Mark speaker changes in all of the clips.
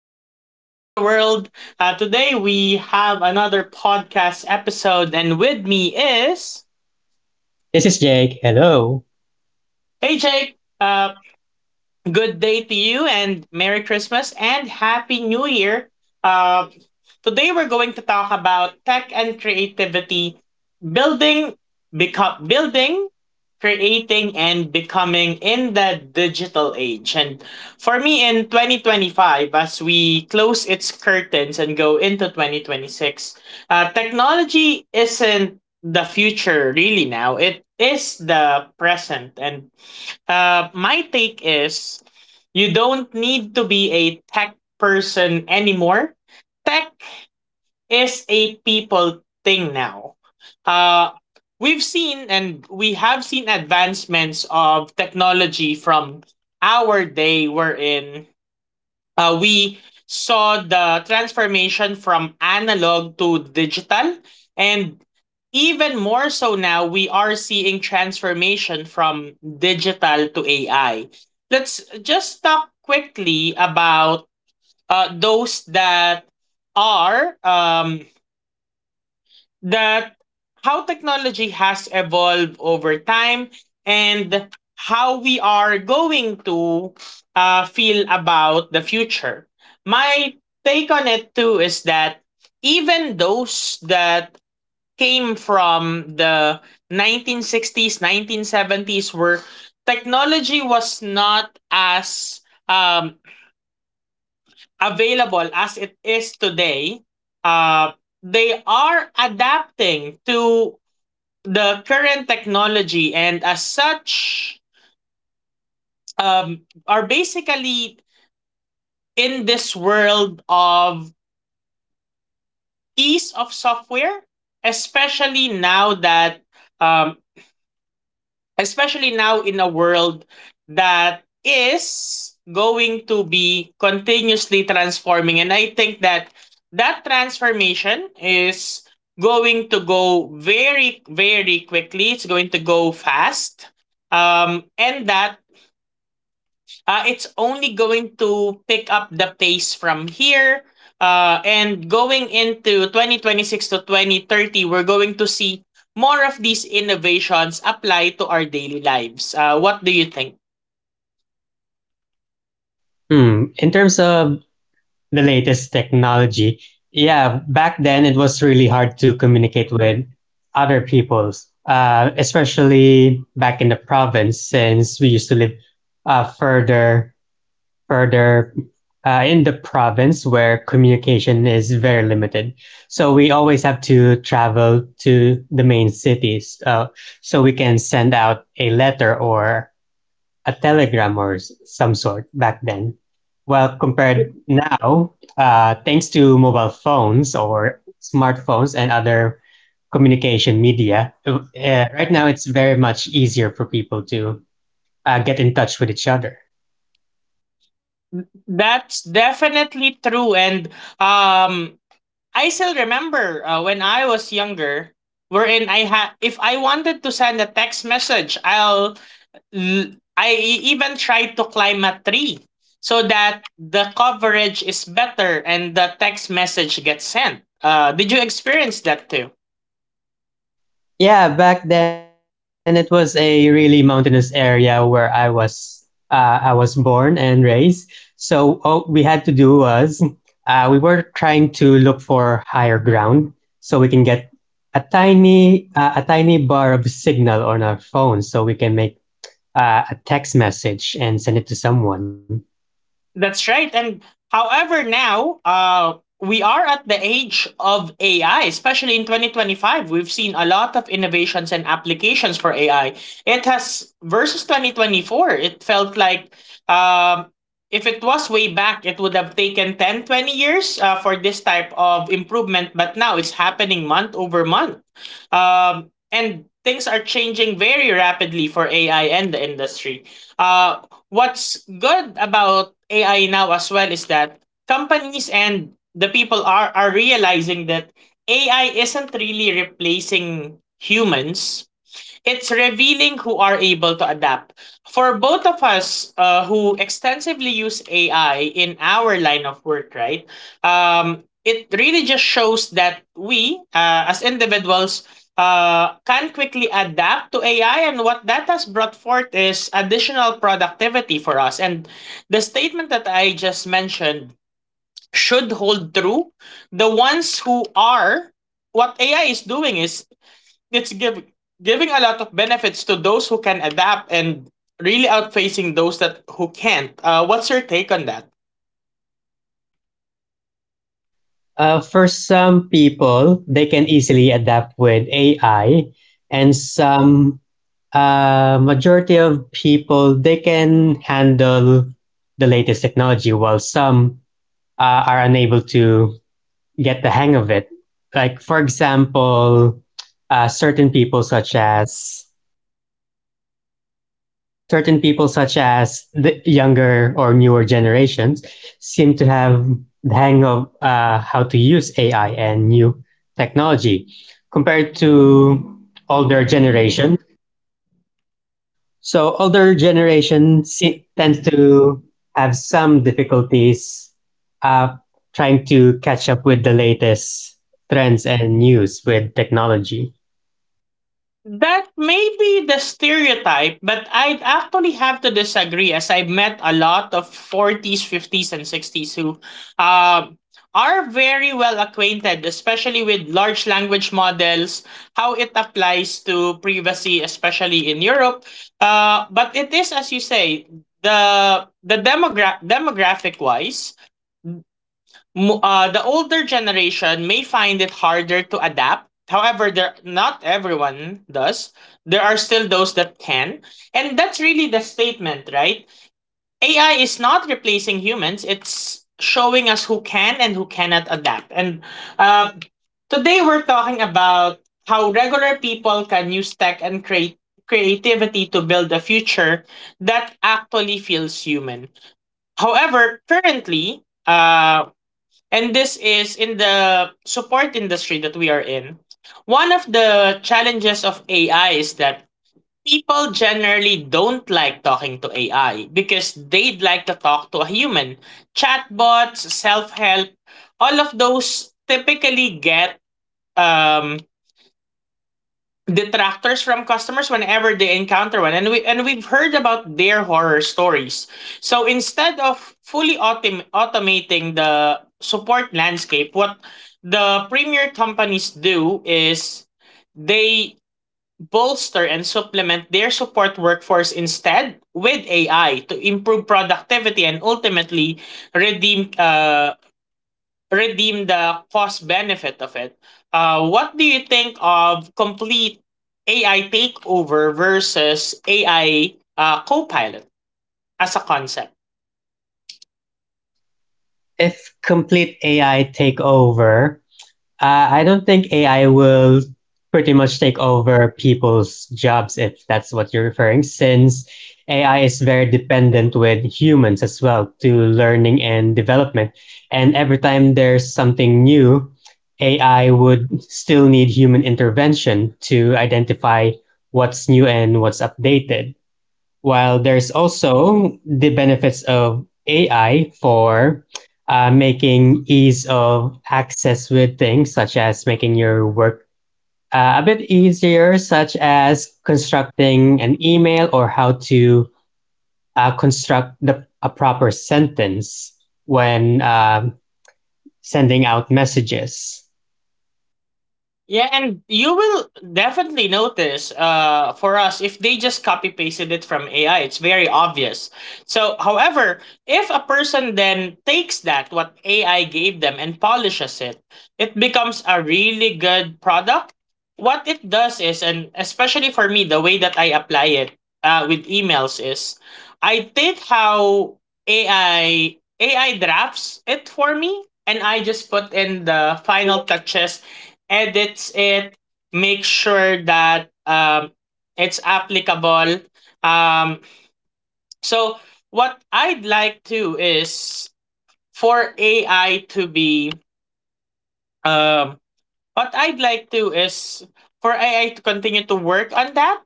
Speaker 1: sitting in the world. Today we have another podcast episode, and with me is
Speaker 2: This is Jake. Hello.
Speaker 1: Aj. Good day to you, and Merry Christmas and Happy New Year. Uh, Today we're going to talk about tech and creativity, building, building, creating and becoming in the digital age. And for me in 2025, as we close its curtains and go into 2026, technology isn't the future really now. It is the present. And my take is you don't need to be a tech person anymore. Tech is a people thing now. Uh, we have seen advancements of technology from our day we're in. We saw the transformation from analog to digital, and even more so now we are seeing transformation from digital to AI. Let's just talk quickly about those that are that how technology has evolved over time, and how we are going to feel about the future. My take on it too is that even those that came from the 1960s, 1970s, where technology was not as um, available as it is today, uh, they are adapting to the current technology, and as such um, are basically in this world of ease of software, especially now that um, especially now in a world that is going to be continuously transforming. And I think that that transformation is going to go very quickly. It's going to go fast. And that it's only going to pick up the pace from here. And going into 2026 to 2030, we're going to see more of these innovations apply to our daily lives. What do you think?
Speaker 2: Hmm. In terms of the latest technology, yeah, back then it was really hard to communicate with other peoples, especially back in the province since we used to live uh, further, further in the province where communication is very limited. So we always have to travel to the main cities, so we can send out a letter or a telegram or some sort back then. Well, compared now, thanks to mobile phones or smartphones and other communication media, right now it's very much easier for people to get in touch with each other.
Speaker 1: That's definitely true. And um, I still remember when I was younger, wherein if I wanted to send a text message, I'll L- I e- even tried to climb a tree so that the coverage is better and the text message gets sent. Did you experience that too?
Speaker 2: Yeah, back then it was a really mountainous area where I was born and raised. So all we had to do was we were trying to look for higher ground so we can get a tiny a tiny bar of signal on our phone so we can make a text message and send it to someone.
Speaker 1: That's right. And however, now we are at the age of AI, especially in 2025. We've seen a lot of innovations and applications for AI. It has, versus 2024, it felt like, um, if it was way back, it would have taken 10 20 years for this type of improvement. But now it's happening month over month. And things are changing very rapidly for AI and the industry. Uh, what's good about AI now as well is that companies and the people are realizing that AI isn't really replacing humans. It's revealing who are able to adapt. For both of us who extensively use AI in our line of work, right? It really just shows that we as individuals can quickly adapt to AI, and what that has brought forth is additional productivity for us. And the statement that I just mentioned should hold true. The ones who are What AI is doing is it's giving a lot of benefits to those who can adapt, and really outfacing those that who can't. What's your take on that?
Speaker 2: For some people, they can easily adapt with AI, and some, majority of people, they can handle the latest technology, while some are unable to get the hang of it. Like, for example, uh, certain people such as certain people such as the younger or newer generations seem to have the hang of how to use ai and new technology compared to older generation. So older generation tends to have some difficulties, uh, trying to catch up with the latest trends and news with technology.
Speaker 1: That may be the stereotype, but I'd actually have to disagree, as I've met a lot of forties, fifties, and sixties who um are very well acquainted, especially with large language models, how it applies to privacy, especially in Europe. But it is, as you say, demographic wise, the older generation may find it harder to adapt. However, there not everyone does. There are still those that can, and that's really the statement, right? AI is not replacing humans. It's showing us who can and who cannot adapt. And uh, today we're talking about how regular people can use tech and create creativity to build a future that actually feels human. However, currently, And this is in the support industry that we are in. One of the challenges of AI is that people generally don't like talking to AI because they'd like to talk to a human. Chatbots, self help, all of those typically get um, detractors from customers whenever they encounter one, and we've heard about their horror stories. So instead of automating the support landscape, what the premier companies do is they bolster and supplement their support workforce instead with AI to improve productivity and ultimately redeem uh, redeem the cost benefit of it. What do you think of complete AI takeover versus AI co-pilot as a concept?
Speaker 2: If complete AI take over, I don't think AI will pretty much take over people's jobs, if that's what you're referring, since AI is very dependent with humans as well to learning and development. And every time there's something new, AI would still need human intervention to identify what's new and what's updated. While there's also the benefits of AI for making ease of access with things, such as making your work a bit easier, such as constructing an email or how to construct the, a proper sentence when sending out messages.
Speaker 1: Yeah, and you will definitely notice for us if they just copy pasted it from AI, it's very obvious. So, however, if a person then takes that, what AI gave them, and polishes it, it becomes a really good product. What it does is, and especially for me, the way that I apply it with emails is I take how AI drafts it for me, and I just put in the final touches, edits it, make sure that it's applicable. Um, so what I'd like to is for AI to be um what I'd like to is for AI to continue to work on that,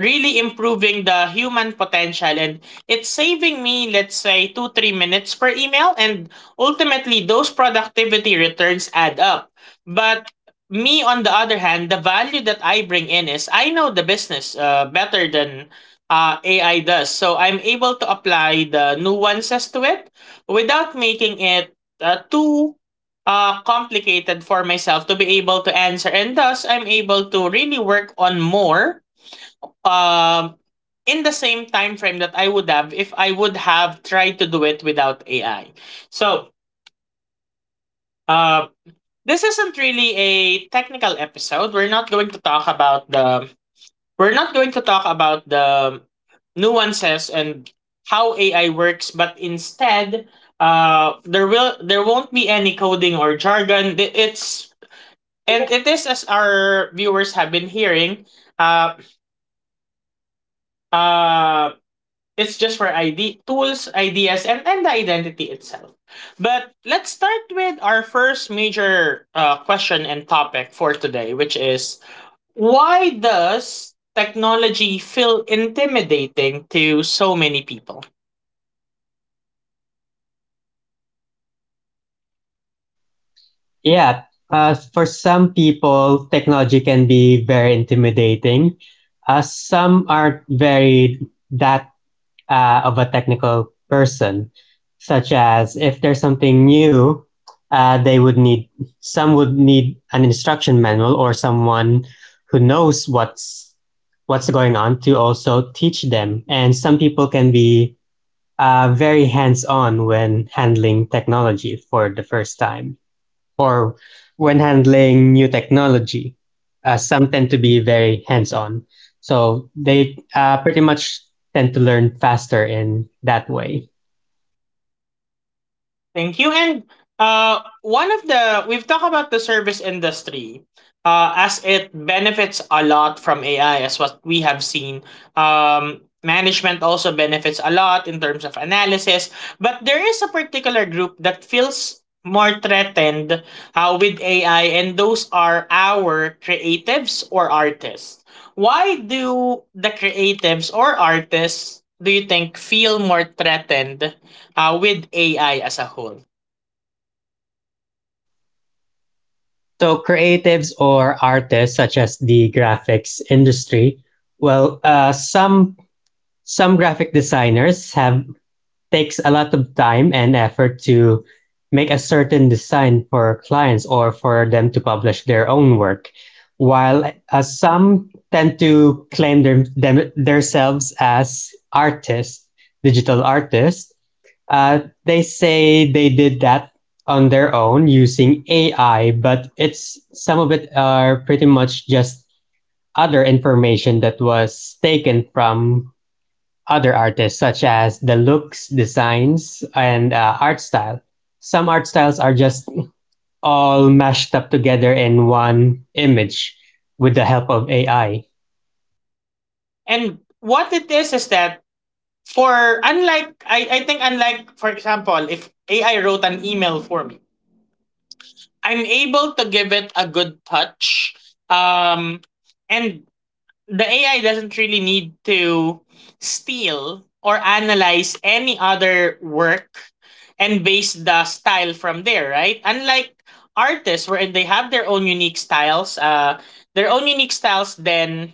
Speaker 1: really improving the human potential. And it's saving me, let's say, two, 3 minutes per email. And ultimately, those productivity returns add up. But me, on the other hand, the value that I bring in is I know the business better than AI does. So I'm able to apply the nuances to it without making it too complicated for myself to be able to answer. And thus, I'm able to really work on more um, in the same time frame that I would have if I would have tried to do it without AI. So, uh, this isn't really a technical episode. We're not going to talk about the nuances and how AI works, but instead, there won't be any coding or jargon. It is, as our viewers have been hearing, uh, uh, it's just for ID tools, ideas, and the identity itself. But let's start with our first major question and topic for today, which is why does technology feel intimidating to so many people?
Speaker 2: Yeah, for some people, technology can be very intimidating. Some aren't very that, of a technical person, such as if there's something new, they would need, some would need an instruction manual or someone who knows what's going on to also teach them. And some people can be very hands on when handling technology for the first time, or when handling new technology. Some tend to be very hands on. So they pretty much tend to learn faster in that way.
Speaker 1: Thank you. And one of the we've talked about the service industry, as it benefits a lot from AI, as what we have seen. Management also benefits a lot in terms of analysis, but there is a particular group that feels more threatened with AI, and those are our creatives or artists. Why do the creatives or artists do you think feel more threatened with AI as a whole?
Speaker 2: So creatives or artists, such as the graphics industry, well, some graphic designers have, takes a lot of time and effort to make a certain design for clients or for them to publish their own work. While some tend to claim their, them, themselves as artists, digital artists, uh, they say they did that on their own using AI, but it's, some of it are pretty much just other information that was taken from other artists, such as the looks, designs, and art style. Some art styles are just all mashed up together in one image with the help of AI.
Speaker 1: And what it is that for unlike I think, unlike for example if AI wrote an email for me, I'm able to give it a good touch. Um, and the AI doesn't really need to steal or analyze any other work and base the style from there, right? Unlike artists, where they have their own unique styles, then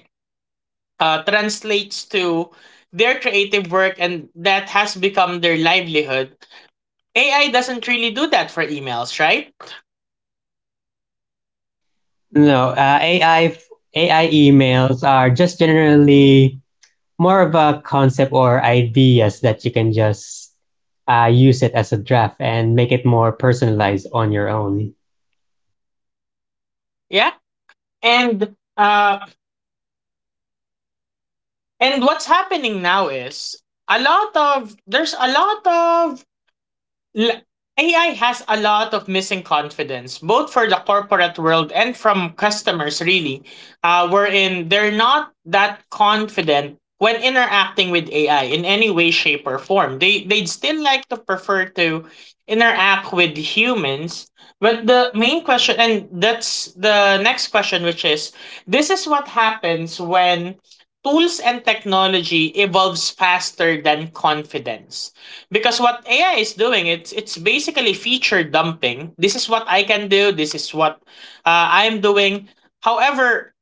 Speaker 1: translates to their creative work, and that has become their livelihood. AI doesn't really do that for emails, right?
Speaker 2: No, AI emails are just generally more of a concept or ideas that you can just use it as a draft and make it more personalized on your own.
Speaker 1: Yeah. And uh and what's happening now is a lot of there's a lot of L- AI has a lot of missing confidence, both for the corporate world and from customers, really, wherein they're not that confident when interacting with AI in any way, shape, or form. They'd still like to prefer to interact with humans. But the main question, and that's the next question, which is this is what happens when tools and technology evolves faster than confidence, because what AI is doing, it's basically feature dumping. This is what I can do. This is what I'm doing. However,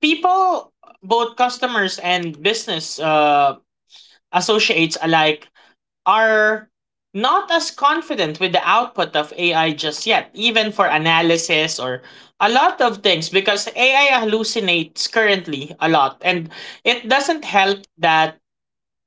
Speaker 1: people, both customers and business associates alike, are not as confident with the output of AI just yet, even for analysis or a lot of things, because AI hallucinates currently a lot, and it doesn't help that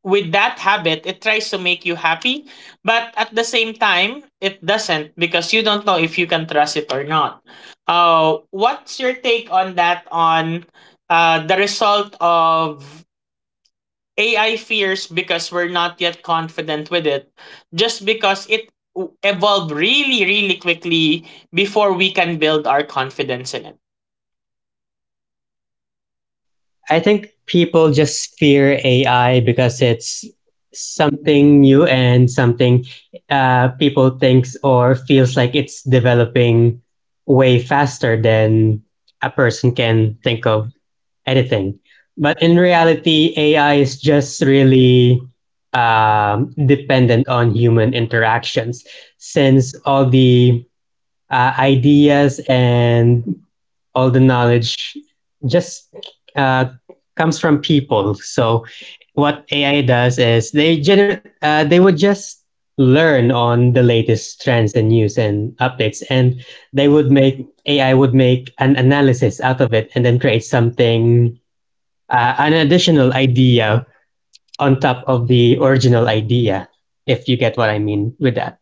Speaker 1: with that habit, it tries to make you happy, but at the same time, it doesn't, because you don't know if you can trust it or not. What's your take on that? On the result of AI fears, because we're not yet confident with it, just because it evolved really, really quickly before we can build our confidence in it.
Speaker 2: I think people just fear AI because it's something new, and something, people thinks or feels like it's developing way faster than a person can think of anything. But in reality, AI is just really dependent on human interactions, since all the ideas and all the knowledge just uh, comes from people. So what AI does is they generate, they would just learn on the latest trends and news and updates, and they would make, AI would make an analysis out of it, and then create something, an additional idea on top of the original idea, if you get what I mean with that.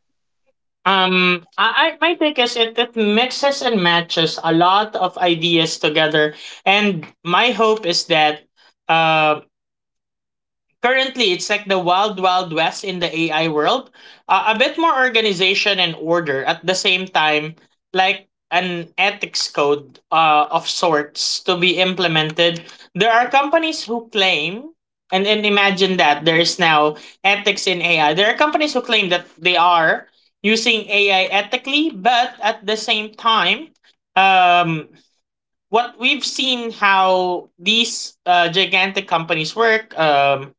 Speaker 1: I my take is it mixes and matches a lot of ideas together, and my hope is that um currently it's like the wild wild west in the AI world, a bit more organization and order at the same time, like an ethics code of sorts to be implemented. There are companies who claim, and imagine that there is now ethics in AI. There are companies who claim that they are using AI ethically, but at the same time, um, what we've seen how these gigantic companies work.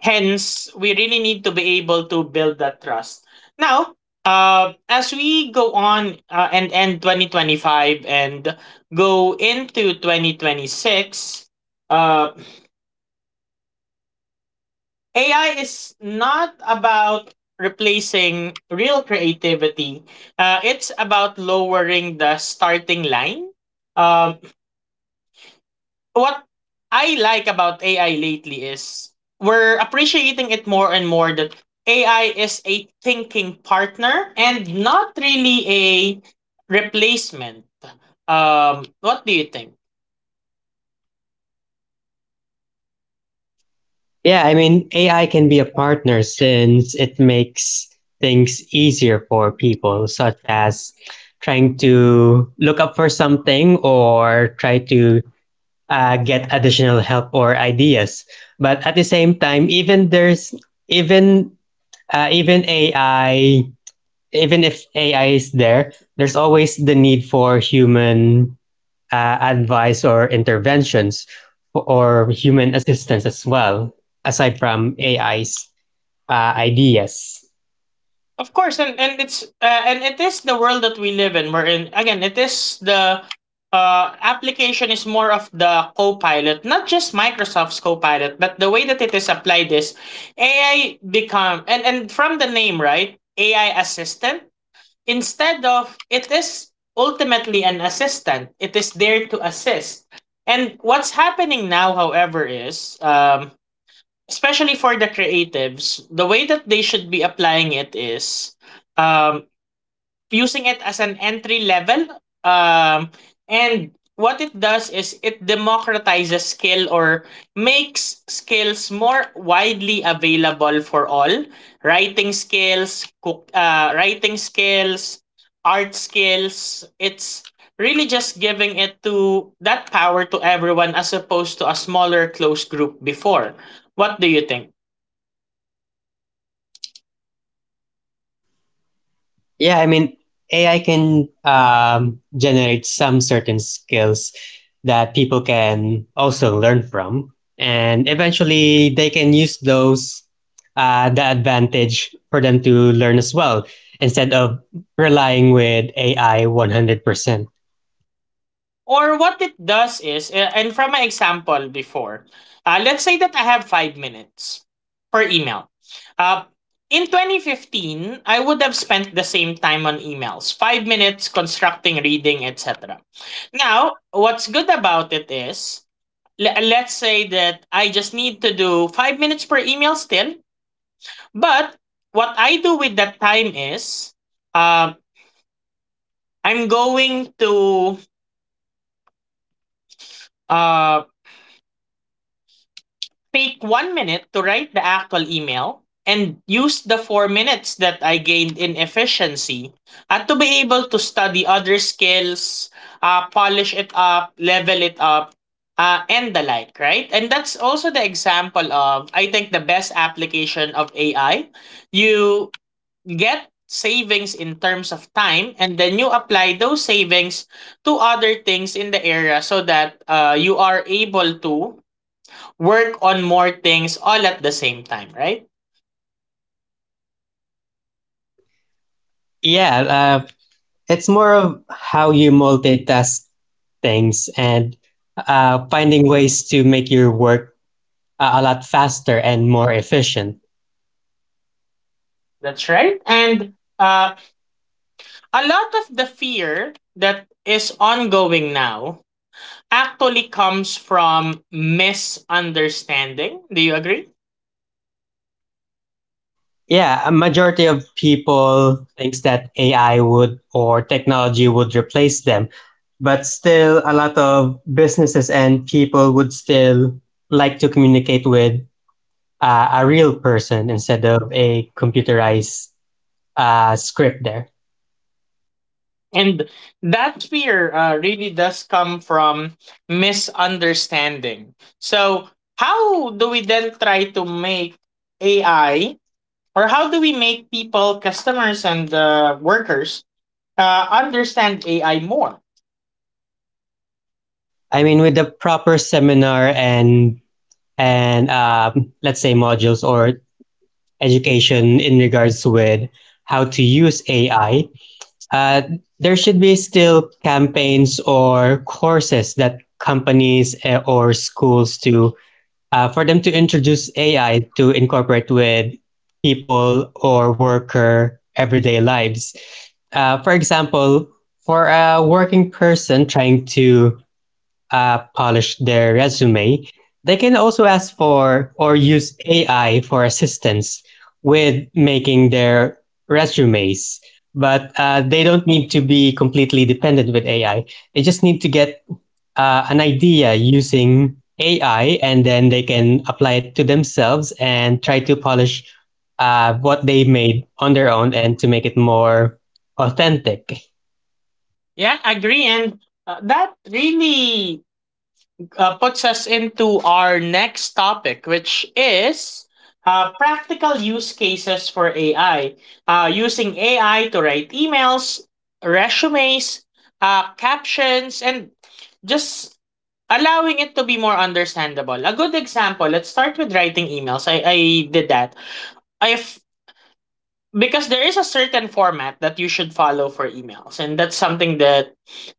Speaker 1: Hence, we really need to be able to build that trust. Now, as we go on and end 2025 and go into 2026, uh, AI is not about replacing real creativity. It's about lowering the starting line. Um. What I like about AI lately is we're appreciating it more and more that AI is a thinking partner and not really a replacement. What do you think?
Speaker 2: Yeah, I mean, AI can be a partner since it makes things easier for people, such as trying to look up for something or try to get additional help or ideas. But at the same time, even even AI, even if AI is there, there's always the need for human advice or interventions, or human assistance as well, aside from AI's ideas.
Speaker 1: Of course, and it's and it is the world that we live in. We're in again. It is the application is more of the co-pilot, not just Microsoft's co-pilot, but the way that it is applied is AI become and from the name, right, AI assistant. Instead of it is ultimately an assistant. It is there to assist. And what's happening now, however, is especially for the creatives, the way that they should be applying it is um, using it as an entry level. Um, and what it does is it democratizes skill or makes skills more widely available for all. Writing skills, writing skills, art skills. It's really just giving it to that power to everyone as opposed to a smaller close group before. What do you think?
Speaker 2: Yeah, I mean, AI can generate some certain skills that people can also learn from. And eventually, they can use those, the advantage for them to learn as well, instead of relying with AI 100%.
Speaker 1: Or what it does is, and from my example before, let's say that I have 5 minutes per email. Uh, in 2015, I would have spent the same time on emails, 5 minutes constructing, reading, etc. Now, what's good about it is, let's say that I just need to do 5 minutes per email still, but what I do with that time is, uh, I'm going to um, take 1 minute to write the actual email and use the 4 minutes that I gained in efficiency and to be able to study other skills, polish it up, level it up, and the like, right? And that's also the example of, I think, the best application of AI. You get savings in terms of time and then you apply those savings to other things in the area so that you are able to work on more things all at the same time, right?
Speaker 2: Yeah, uh, it's more of how you multitask things, and finding ways to make your work a lot faster and more efficient.
Speaker 1: That's right. And uh, a lot of the fear that is ongoing now actually comes from misunderstanding. Do you agree?
Speaker 2: Yeah, a majority of people thinks that AI would, or technology would replace them, but still a lot of businesses and people would still like to communicate with a real person instead of a computerized script there.
Speaker 1: And that fear really does come from misunderstanding. So, how do we then try to make AI, or how do we make people, customers, and workers understand AI more?
Speaker 2: I mean, with the proper seminar, and let's say modules or education in regards with how to use AI, uh, there should be still campaigns or courses that companies, or schools to, for them to introduce AI to incorporate with people or worker everyday lives. For example, for a working person trying to polish their resume, they can also ask for or use AI for assistance with making their resumes. But they don't need to be completely dependent with AI. They just need to get an idea using AI, and then they can apply it to themselves and try to polish what they made on their own, and to make it more authentic.
Speaker 1: Yeah, agree. And that really puts us into our next topic, which is practical use cases for AI. Using AI to write emails, resumes, captions, and just allowing it to be more understandable. A good example, let's start with writing emails. I did that. I've because there is a certain format that you should follow for emails, and that's something that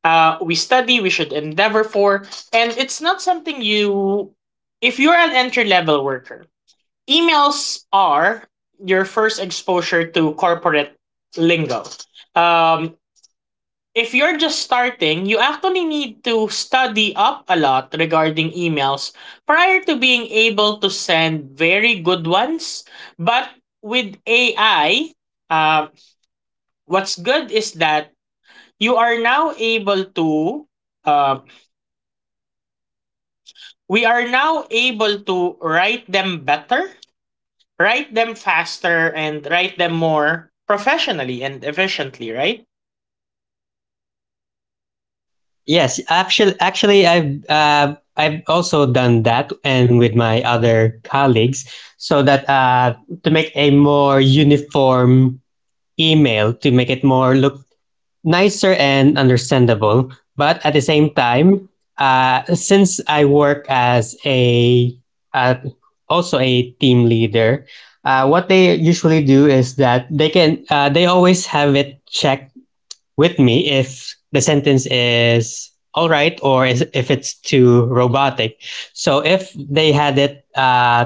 Speaker 1: we should endeavor for, and it's not something you, if you're an entry level worker, emails are your first exposure to corporate lingo. um, if you're just starting, you actually need to study up a lot regarding emails prior to being able to send very good ones. But with AI, uh, what's good is that you are now able to uh, we are now able to write them better, write them faster, and write them more professionally and efficiently, right?
Speaker 2: Yes, actually, I've, I've also done that, and with my other colleagues, so that to make a more uniform email, to make it more look nicer and understandable. But at the same time, since I work as a, uh, also a team leader, what they usually do is that they can, they always have it checked with me if the sentence is all right, or is, if it's too robotic. So if they had it,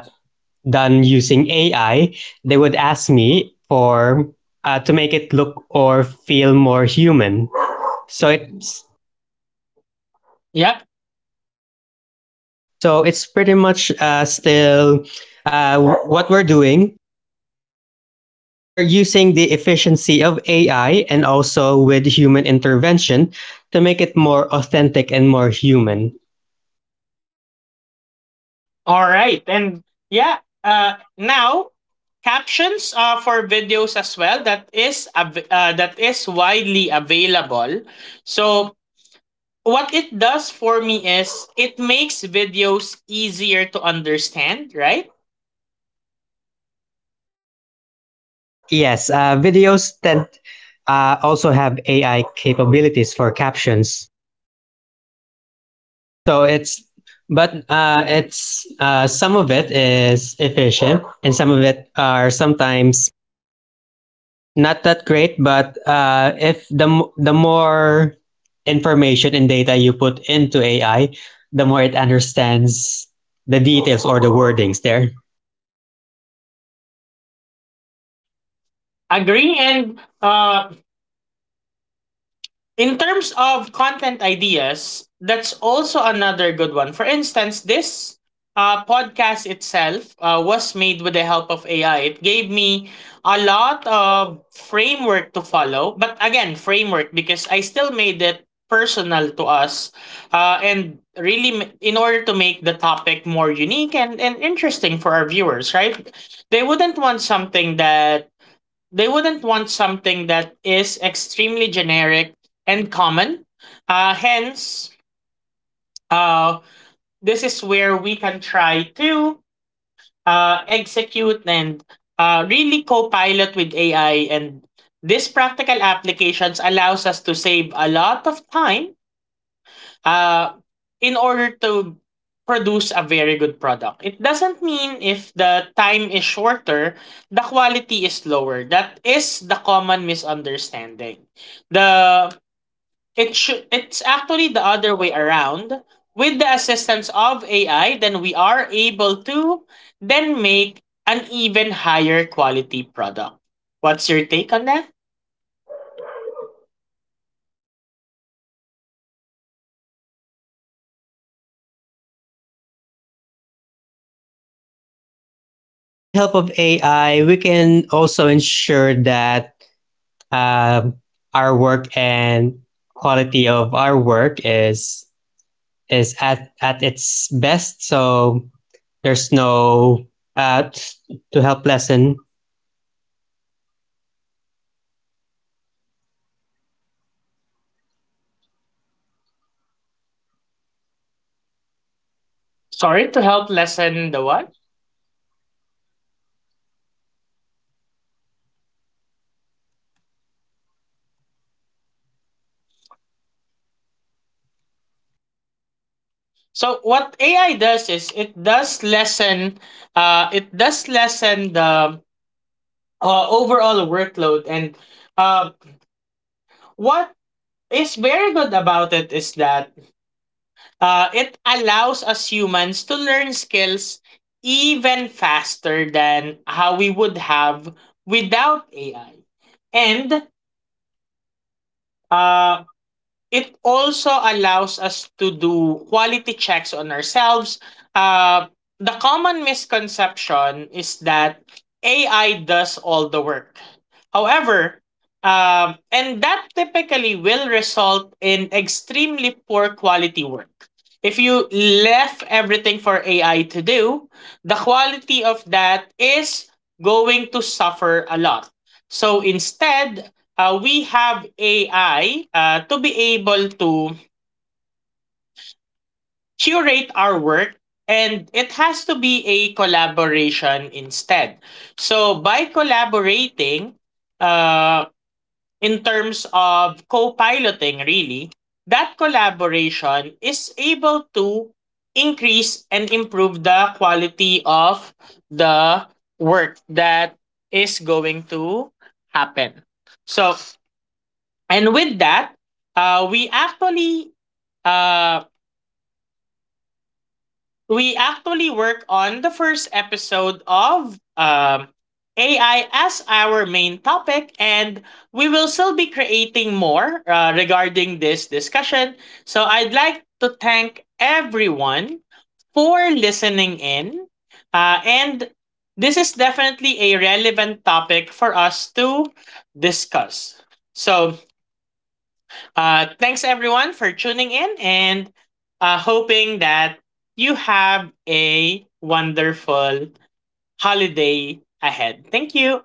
Speaker 2: done using AI, they would ask me for, to make it look or feel more human. So it's
Speaker 1: Yeah,
Speaker 2: so it's pretty much still what we're doing. We're using the efficiency of AI and also with human intervention to make it more authentic and more human.
Speaker 1: all right. And yeah, now, captions for videos as well, that is that is widely available. So what it does for me is it makes videos easier to understand, right?
Speaker 2: Yes, videos that also have AI capabilities for captions. So it's, but it's some of it is efficient, and some of it are sometimes not that great. But if the more information and data you put into AI, the more it understands the details or the wordings there.
Speaker 1: Agree. And in terms of content ideas, that's also another good one. For instance, this podcast itself was made with the help of AI. It gave me a lot of framework to follow. But again, framework, because I still made it personal to us, and really in order to make the topic more unique and interesting for our viewers, right? They wouldn't want something that they wouldn't want something that is extremely generic and common. Hence, uh, this is where we can try to execute and really co-pilot with AI. And this practical applications allows us to save a lot of time uh, in order to produce a very good product. It doesn't mean if the time is shorter, the quality is lower. That is the common misunderstanding. The It should It's actually the other way around. With the assistance of AI, then we are able to then make an even higher quality product. What's your take on that?
Speaker 2: Yeah, with the help of AI, we can also ensure that um, our work and quality of our work is at its best. So there's no uh, to help lessen
Speaker 1: Sorry, to help lessen the what? So what AI does is it does lessen the overall workload. And uh, what is very good about it is that it allows us humans to learn skills even faster than how we would have without AI. And uh, it also allows us to do quality checks on ourselves. Uh, the common misconception is that AI does all the work. However, and that typically will result in extremely poor quality work. If you left everything for AI to do, the quality of that is going to suffer a lot. So instead, we have AI to be able to curate our work, and it has to be a collaboration instead. So by collaborating uh, in terms of co piloting, really, that collaboration is able to increase and improve the quality of the work that is going to happen. So, and with that uh, we actually uh, we actually work on the first episode of ai as our main topic, and we will still be creating more regarding this discussion. So I'd like to thank everyone for listening in, and this is definitely a relevant topic for us to discuss. So, thanks everyone for tuning in, and hoping that you have a wonderful holiday ahead. Thank you.